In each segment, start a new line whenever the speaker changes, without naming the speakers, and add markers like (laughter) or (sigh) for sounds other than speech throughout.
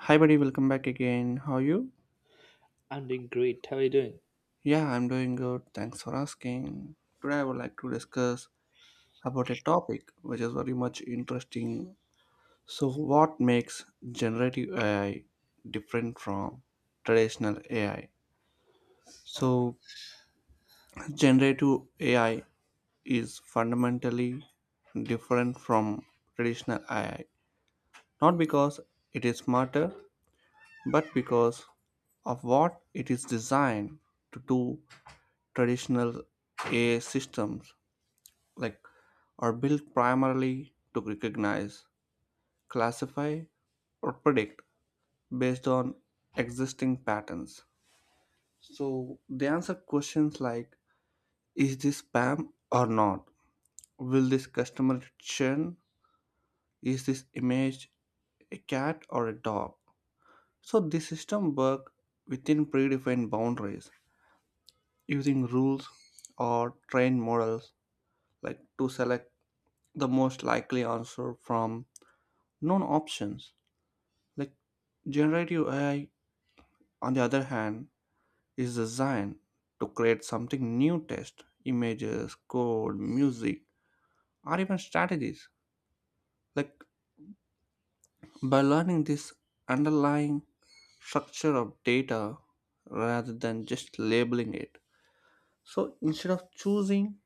Hi, buddy, welcome back again. How are you?
I'm doing great. How are you doing?
Yeah, I'm doing good. Thanks for asking. Today, I would like to discuss about a topic which is very much interesting. So, what makes generative AI different from traditional AI? So, generative AI is fundamentally different from traditional AI, not because it is smarter, but because of what it is designed to do. Traditional AI systems like are built primarily to recognize, classify, or predict based on existing patterns. So they answer questions like, is this spam or not? Will this customer churn? Is this image a cat or a dog? So the system work within predefined boundaries using rules or trained models like to select the most likely answer from known options. Like generative AI, on the other hand, is designed to create something new: text, images, code, music, or even strategies. Like by learning this underlying structure of data rather than just labeling it. So instead of choosing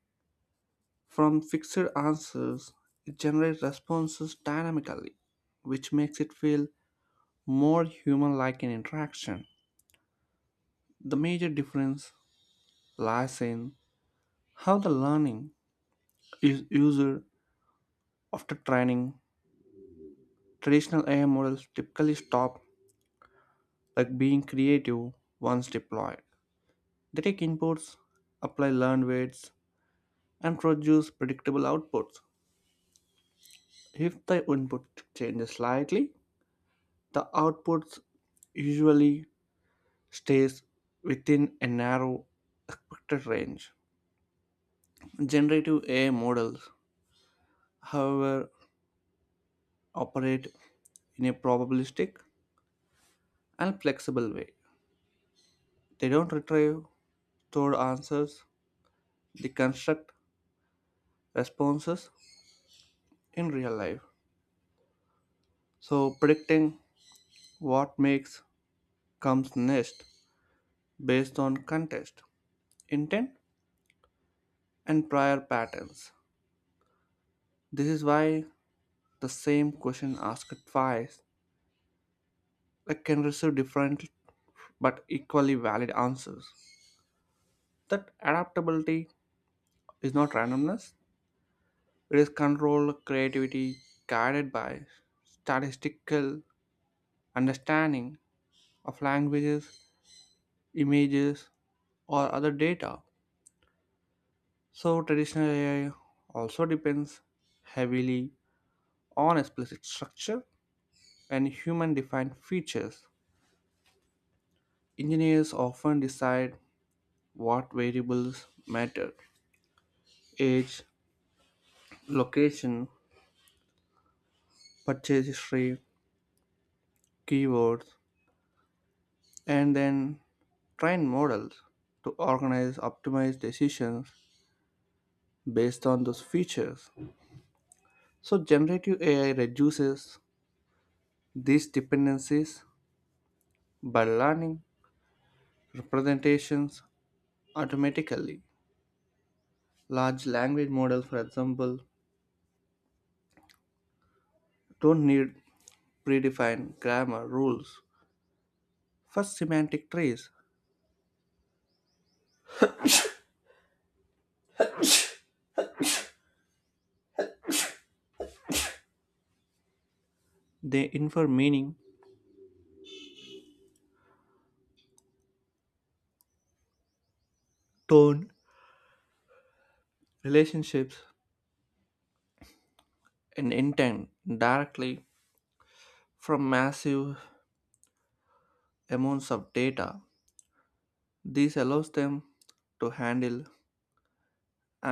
from fixed answers, it generates responses dynamically, which makes it feel more human like an interaction. The major difference lies in how the learning is used after training. Traditional AI models typically stop like being creative once deployed. They take inputs, apply learned weights, and produce predictable outputs. If the input changes slightly, the output usually stays within a narrow expected range. Generative AI models, however, operate in a probabilistic and flexible way. They don't retrieve stored answers, they construct responses in real life. So, predicting what makes comes next based on context, intent, and prior patterns. This is why the same question asked twice like, can receive different but equally valid answers. That adaptability is not randomness, it is controlled creativity guided by statistical understanding of languages, images, or other data. So, traditional AI also depends heavily on explicit structure and human defined features. Engineers often decide what variables matter: age, location, purchase history, keywords, and then train models to organize optimize decisions based on those features. So generative AI reduces these dependencies by learning representations automatically. Large language models, for example, don't need predefined grammar rules for semantic trees. They infer meaning, tone, relationships, and intent directly from massive amounts of data. This allows them to handle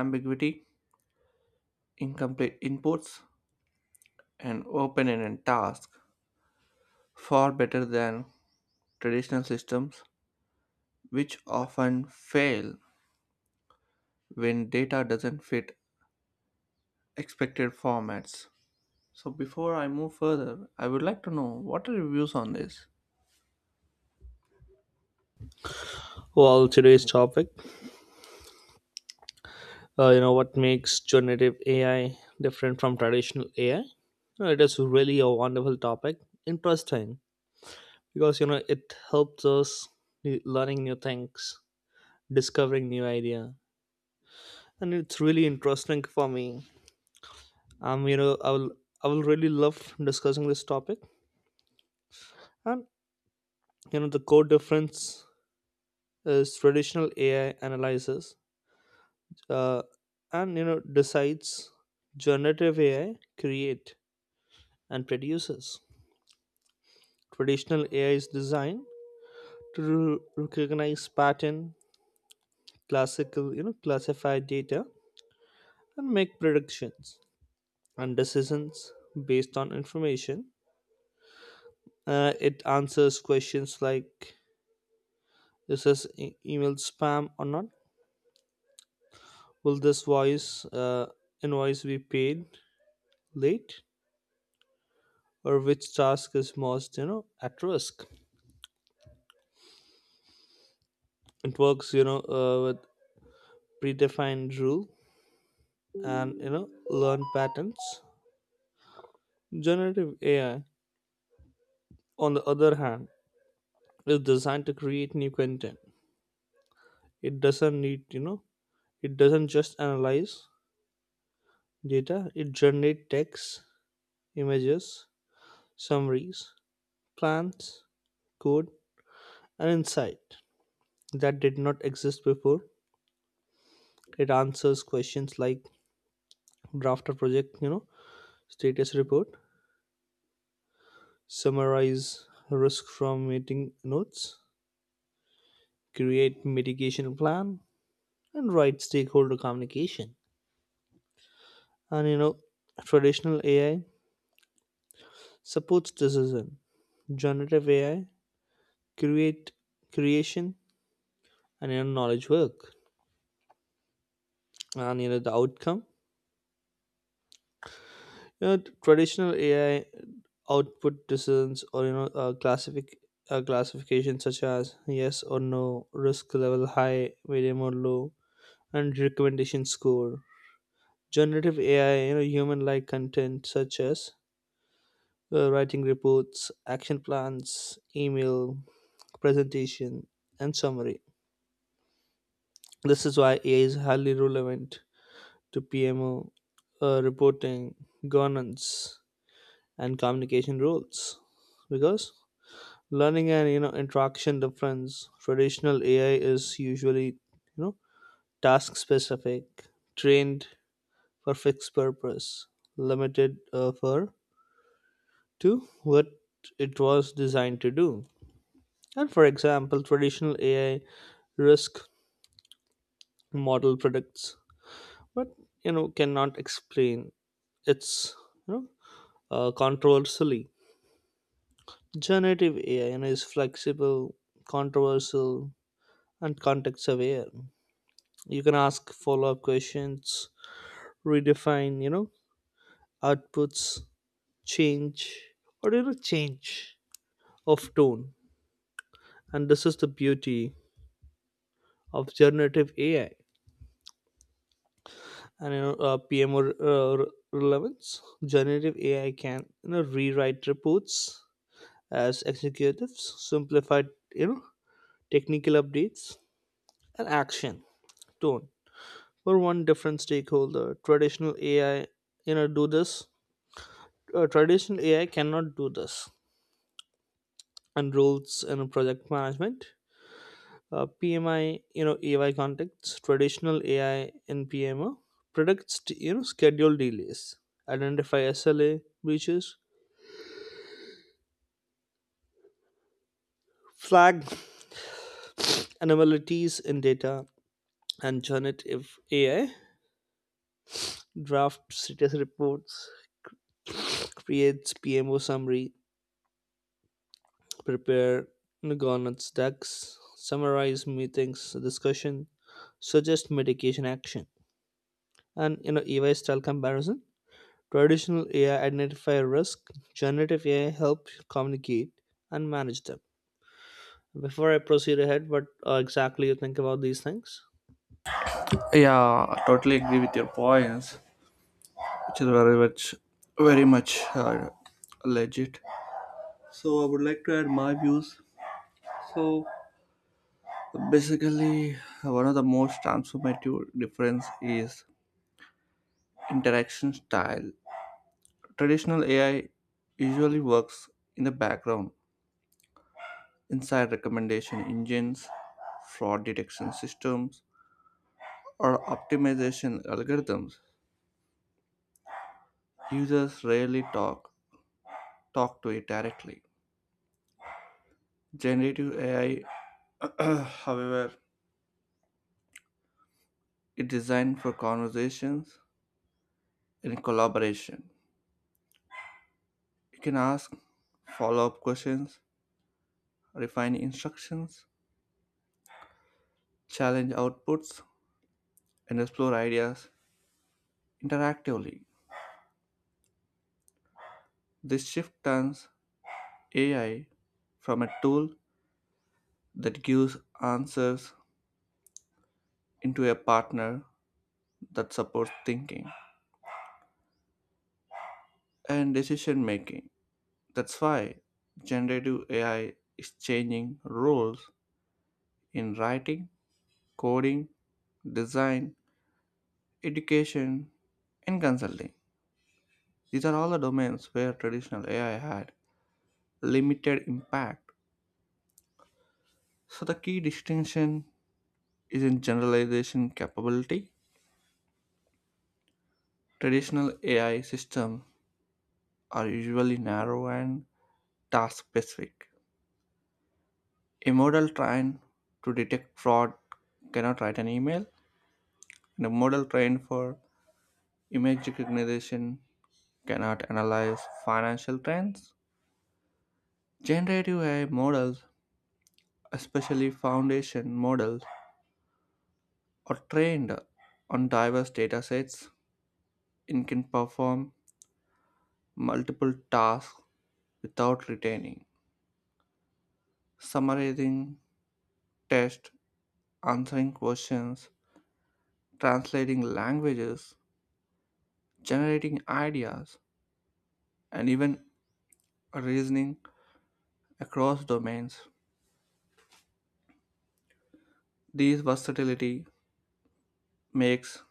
ambiguity, incomplete inputs, and open ended tasks far better than traditional systems, which often fail when data doesn't fit expected formats. So, before I move further, I would like to know what are your views on this?
Well, today's topic, what makes generative AI different from traditional AI? You know, it is really a wonderful topic. Interesting because you know it helps us learning new things, discovering new idea, and it's really interesting for me. Um, you know, I will I will really love discussing this topic. And you know, the core difference is traditional AI analysis uh, and you know decides generative ai create and produces. Traditional ai is designed to recognize pattern, classical you know classify data and make predictions and decisions based on information. It answers questions like is this email spam or not, will this voice invoice be paid late, or which task is most you know at risk. It works you know with predefined rule and you know learn patterns. Generative ai on the other hand is designed to create new content. It doesn't need you know it doesn't just analyze data, it generates text, images, summaries, plans, code, and insight that did not exist before. It answers questions like draft a project you know status report, summarize risk from meeting notes, create mitigation plan, and write stakeholder communication. And you know, traditional AI supports decision, generative AI create creation and you know, knowledge work. And you know the outcome. You know, traditional AI output decisions or you know classification such as yes or no, risk level high, medium or low, and recommendation score. Generative AI, you know, human-like content such as writing reports, action plans, email, presentation, and summary. This is why AI is highly relevant to PMO reporting, governance, and communication roles because learning and you know interaction difference. Traditional ai is usually you know task specific, trained for fixed purpose, limited for to what it was designed to do. And for example, traditional AI risk model predicts, but you know cannot explain its you know controversially. Generative AI you know, is flexible, controversial, and context aware. You can ask follow up questions, redefine you know outputs, change or you know change of tone. And this is the beauty of generative AI and you know re- relevance. Generative AI can you know rewrite reports as executives, simplified you know technical updates and action tone for one different stakeholder. Traditional AI you know do this. Uh, Traditional AI cannot do this. And roles in project management, PMI you know AI contexts, traditional AI in PMO predicts you know schedule delays, identify SLA breaches, flag anomalies in data, and generative AI, draft status reports, creates PMO summary, prepare governance decks, summarize meetings, discussion, suggest mitigation action. And you know, AI style comparison. Traditional AI identify risk, generative AI help communicate and manage them. Before I proceed ahead, what exactly you think about these things?
Yeah, I totally agree with your points, which is very much, very much legit. So I would like to add my views. So basically, one of the most transformative difference is interaction style. Traditional AI usually works in the background, inside recommendation engines, fraud detection systems, or optimization algorithms. Users rarely talk to it directly. Generative AI, (clears throat) however, is designed for conversations and collaboration. You can ask follow-up questions, refine instructions, challenge outputs, and explore ideas interactively. This shift turns AI from a tool that gives answers into a partner that supports thinking and decision making. That's why generative AI is changing roles in writing, coding, design, education, and consulting. These are all the domains where traditional AI had limited impact. So, the key distinction is in generalization capability. Traditional AI systems are usually narrow and task specific. A model trained to detect fraud cannot write an email, and a model trained for image recognition cannot analyze financial trends. Generative AI models, especially foundation models, are trained on diverse data sets and can perform multiple tasks without retaining, summarizing, tests, answering questions, translating languages, generating ideas, and even reasoning across domains. This versatility makes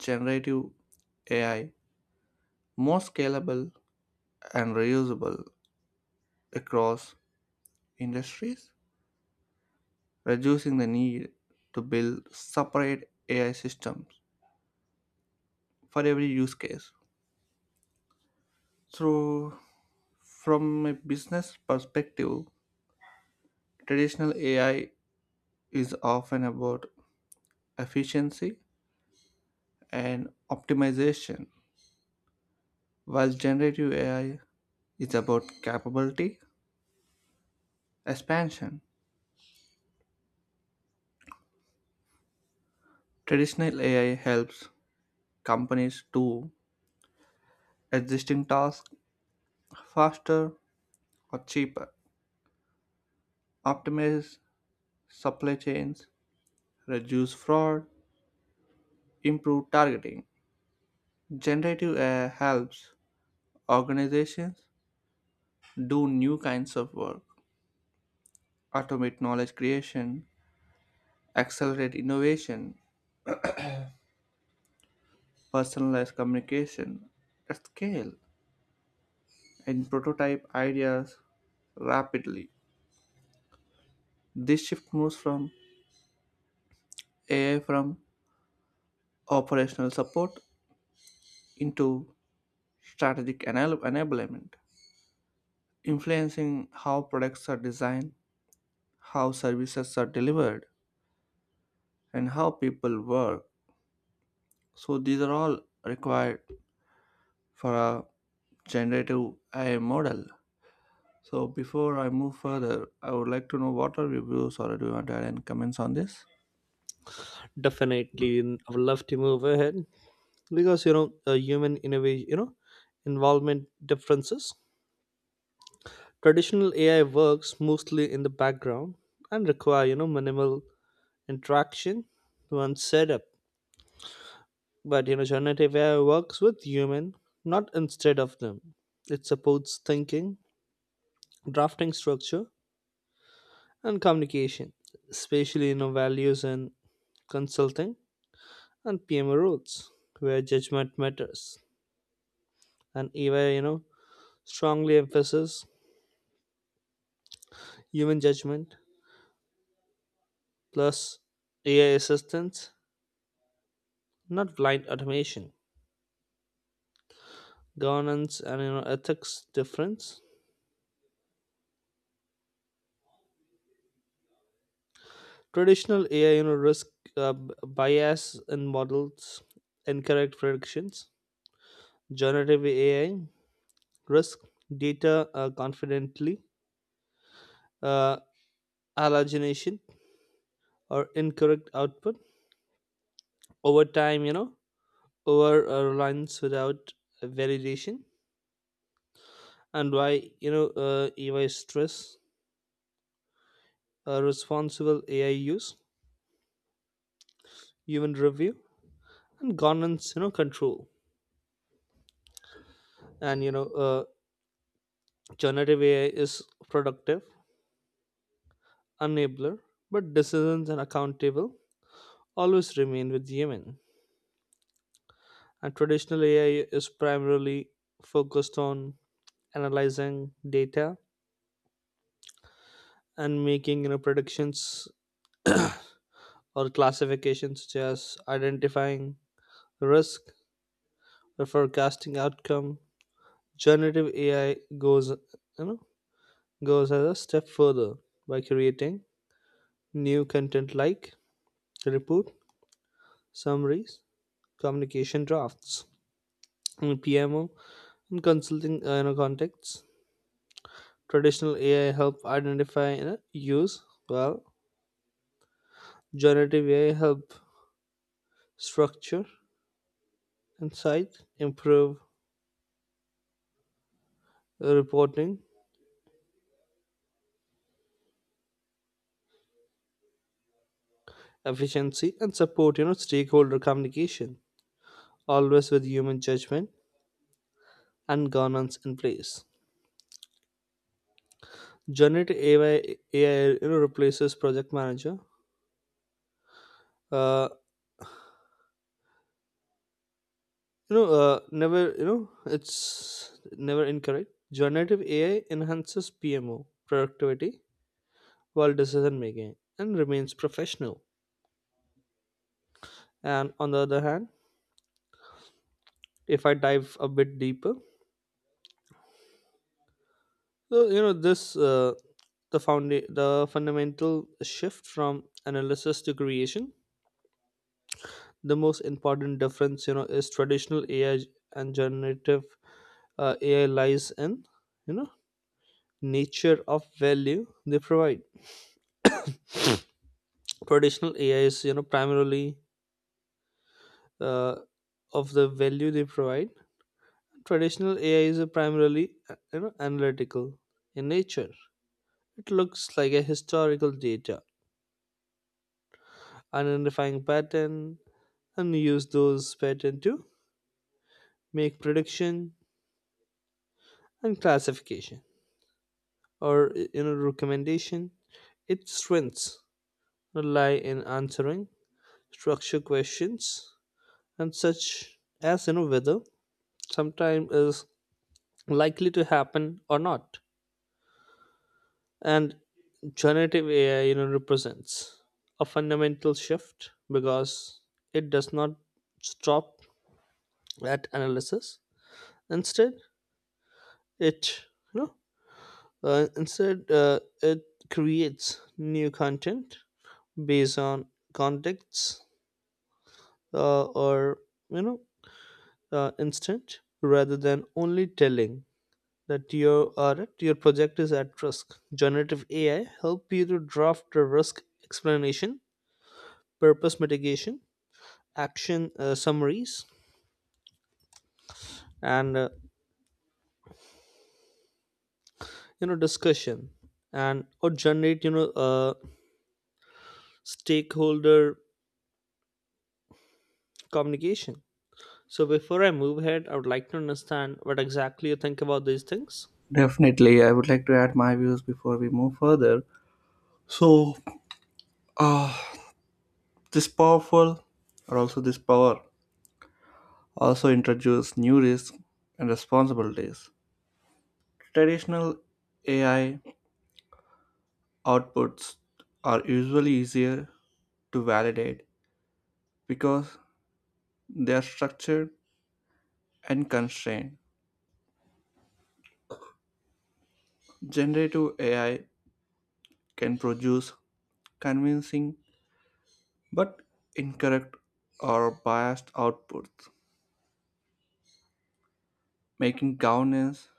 generative AI more scalable and reusable across industries, reducing the need to build separate AI systems for every use case. So, from a business perspective, traditional AI is often about efficiency, and optimization, while generative AI is about capability expansion. Traditional AI helps companies do existing tasks faster or cheaper, optimize supply chains, reduce fraud, improve targeting. Generative AI helps organizations do new kinds of work, automate knowledge creation, accelerate innovation, personalized communication at scale and prototype ideas rapidly. This shift moves from AI from operational support into strategic enablement, influencing how products are designed, how services are delivered, and how people work. So these are all required for a generative AI model. So before I move further, I would like to know what are your views or do you want to add any comments on this?
Definitely, I would love to move ahead because you know human innovation you know involvement differences. Traditional ai works mostly in the background and require you know minimal interaction when set up, but you know generative ai works with human, not instead of them. It supports thinking, drafting structure, and communication, especially you know values in consulting and pmo roles where judgment matters, and ai you know strongly emphasizes human judgment plus AI assistance, not blind automation. Governance and you know ethics difference. Traditional AI you know risk bias in models, incorrect predictions. Generative AI risk data confidently, uh, hallucination or incorrect output over time. You know over reliance without validation, and why you know EY stress responsible AI use, human review, and governance you know control. And you know generative ai is productive enabler but decisions and accountable always remain with human. And traditional ai is primarily focused on analyzing data and making you know predictions or classifications such as identifying risk or forecasting outcome. Generative ai goes you know goes as a step further by creating new content like report summaries, communication drafts, and PMO and consulting you know, contexts. Traditional AI help identify and use, well, generative AI help structure, insight, improve reporting efficiency, and support you know stakeholder communication, always with human judgment and governance in place. Generative AI, you know, replaces project manager, uh, you know never you know it's never incorrect. Generative ai enhances pmo productivity while decision making and remains professional. And on the other hand, if I dive a bit deeper, so you know this the found the fundamental shift from analysis to creation, the most important difference you know is traditional ai and generative ai lies in you know nature of value they provide. Traditional AI is you know primarily uh, of the value they provide. Traditional AI is a primarily you know analytical in nature. It looks like a historical data, identifying pattern and use those pattern to make prediction and classification or you know recommendation. Its strengths rely in answering structure questions and such as you know whether sometimes is likely to happen or not. And generative AI, you know, represents a fundamental shift because it does not stop at analysis. Instead, it you know, it creates new content based on contexts or you know instant rather than only telling that you are your project is at risk. Generative AI help you to draft a risk explanation, purpose mitigation, action summaries, and you know discussion, and or generate you know stakeholder communication. So before I move ahead, I would like to understand what exactly you think about these things.
Definitely, I would like to add my views before we move further. So, uh, this powerful, or also this power, also introduce new risks and responsibilities. Traditional AI outputs are usually easier to validate because they are structured and constrained. Generative AI can produce convincing but incorrect or biased outputs, making governance,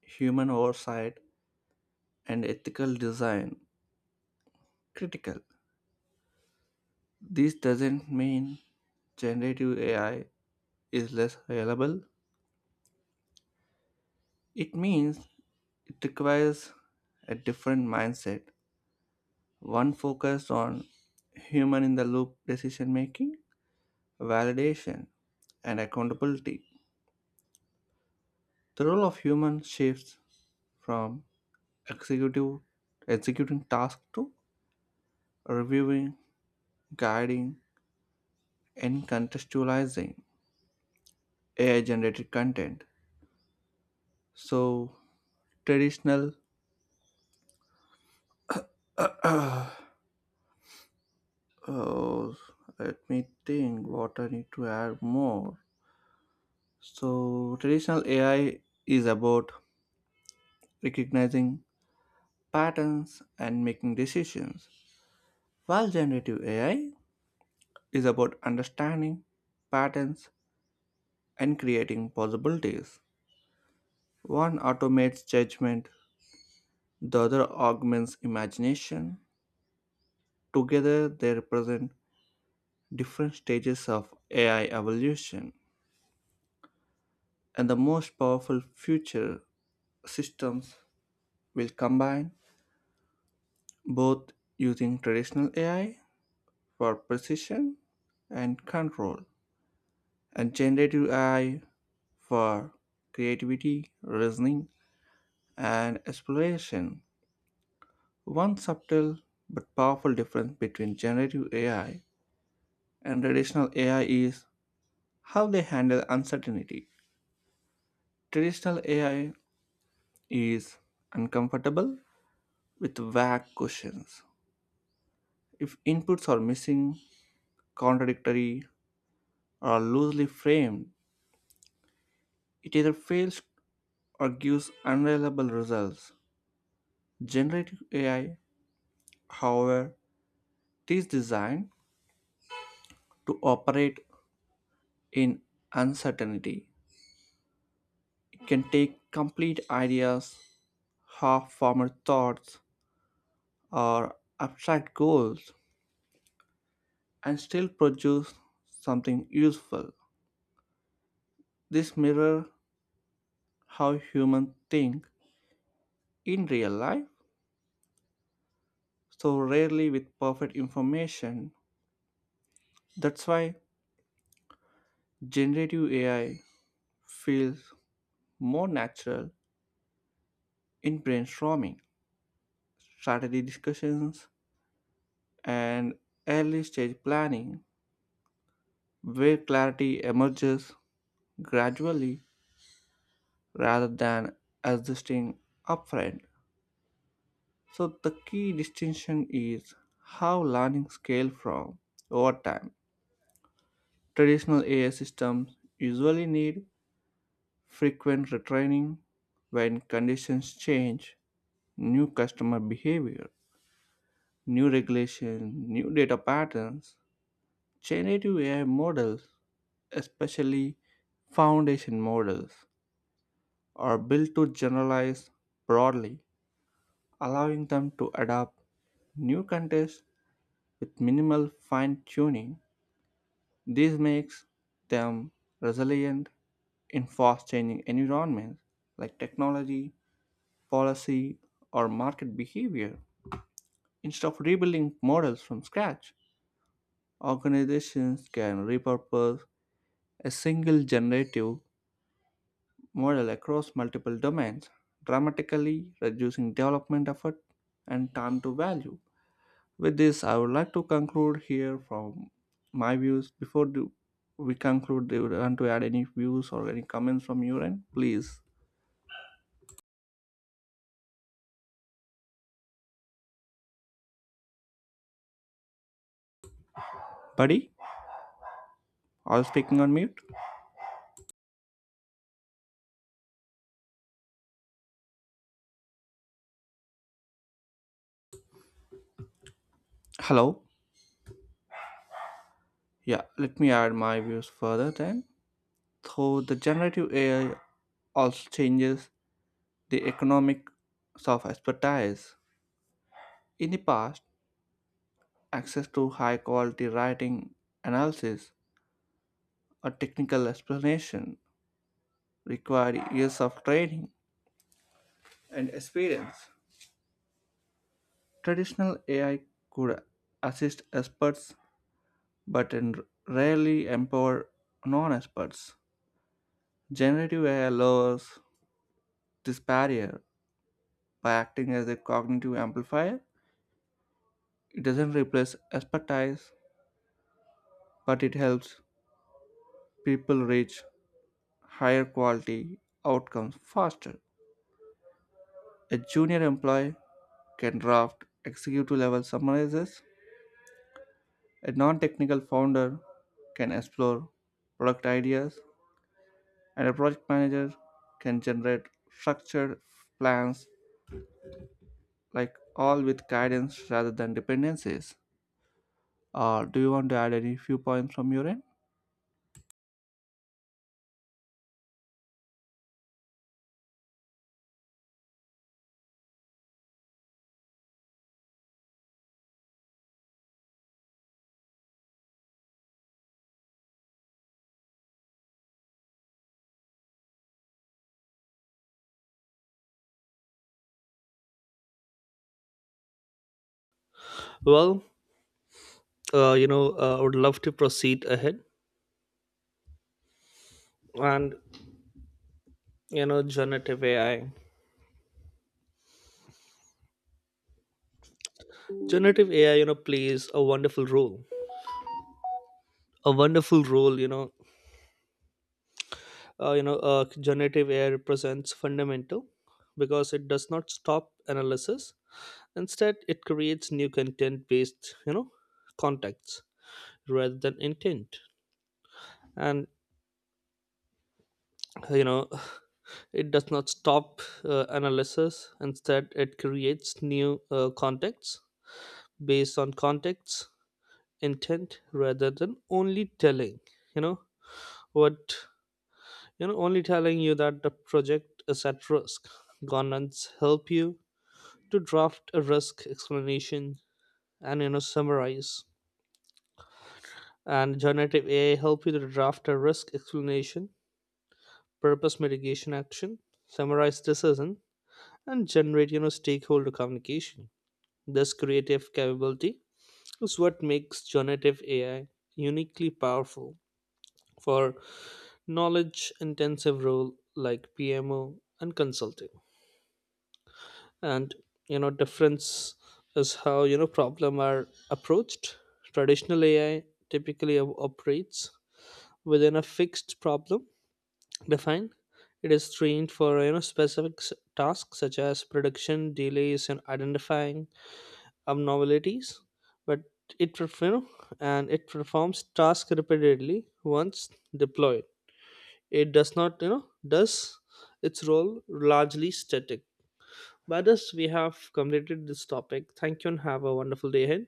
human oversight, and ethical design critical. This doesn't mean generative AI is less reliable. It means it requires a different mindset, one focused on human in the loop decision making, validation, and accountability. The role of human shifts from executive executing tasks to reviewing, guiding, and contextualizing AI generated content. So traditional. (clears throat) Oh, let me think what I need to add more. So traditional AI is about recognizing patterns and making decisions, while generative AI is about understanding patterns and creating possibilities. One automates judgment, the other augments imagination. Together, they represent different stages of AI evolution, and the most powerful future systems will combine both, using traditional AI for precision and control and generative AI for creativity, reasoning, and exploration. One subtle but powerful difference between generative AI and traditional AI is how they handle uncertainty. Traditional AI is uncomfortable with vague questions. If inputs are missing, contradictory, or loosely framed, it either fails or gives unreliable results. Generative AI, however, is designed to operate in uncertainty. It can take complete ideas, half formed thoughts, or abstract goals and still produce something useful. This mirrors how humans think in real life, so rarely with perfect information. That's why generative AI feels more natural in brainstorming, strategy discussions, and early stage planning, where clarity emerges gradually rather than existing upfront. So, the key distinction is how learning scale from over time. Traditional AI systems usually need frequent retraining when conditions change, new customer behavior, new regulations, new data patterns. Generative AI models, especially foundation models, are built to generalize broadly, allowing them to adapt new contexts with minimal fine tuning. This makes them resilient in fast changing environments like technology policy, or market behavior. Instead of rebuilding models from scratch, organizations can repurpose a single generative model across multiple domains, dramatically reducing development effort and time to value. With this, I would like to conclude here from my views. Before we conclude, do you want to add any views or any comments from your end? Please, buddy, are speaking on mute? Hello? Yeah, let me add my views further then. Though the generative AI also changes the economics of expertise. In the past, access to high quality writing, analysis, or technical explanation required years of training and experience. Traditional AI could assist experts but rarely empower non experts. Generative AI lowers this barrier by acting as a cognitive amplifier. It doesn't replace expertise but it helps people reach higher quality outcomes faster. A junior employee can draft executive level summaries. A non technical founder can explore product ideas, and a project manager can generate structured plans like all with guidance rather than dependencies. Do you want to add any few points from your end?
Well, I would love to proceed ahead and you know generative AI. Generative AI, you know, plays a wonderful role you know Generative ai represents fundamental because it does not stop analysis, instead it creates new content based you know contexts rather than intent. And uh, you know (sighs) it does not stop analysis, instead it creates new contexts based on contexts intent rather than only telling you know what you know only telling you that the project is at risk. Governance help you to draft a risk explanation and you know summarize, and generative ai help you to draft a risk explanation, purpose mitigation action, summarize decision, and generate you know stakeholder communication. This creative capability is what makes generative ai uniquely powerful for knowledge intensive role like pmo and consulting. And you know difference is how you know problem are approached. Traditional ai typically operates within a fixed problem defined. It is trained for you know specific tasks such as prediction delays and identifying abnormalities, but it and it performs tasks repeatedly once deployed. It does not you know does its role largely static. By this, we have completed this topic. Thank you and have a wonderful day ahead.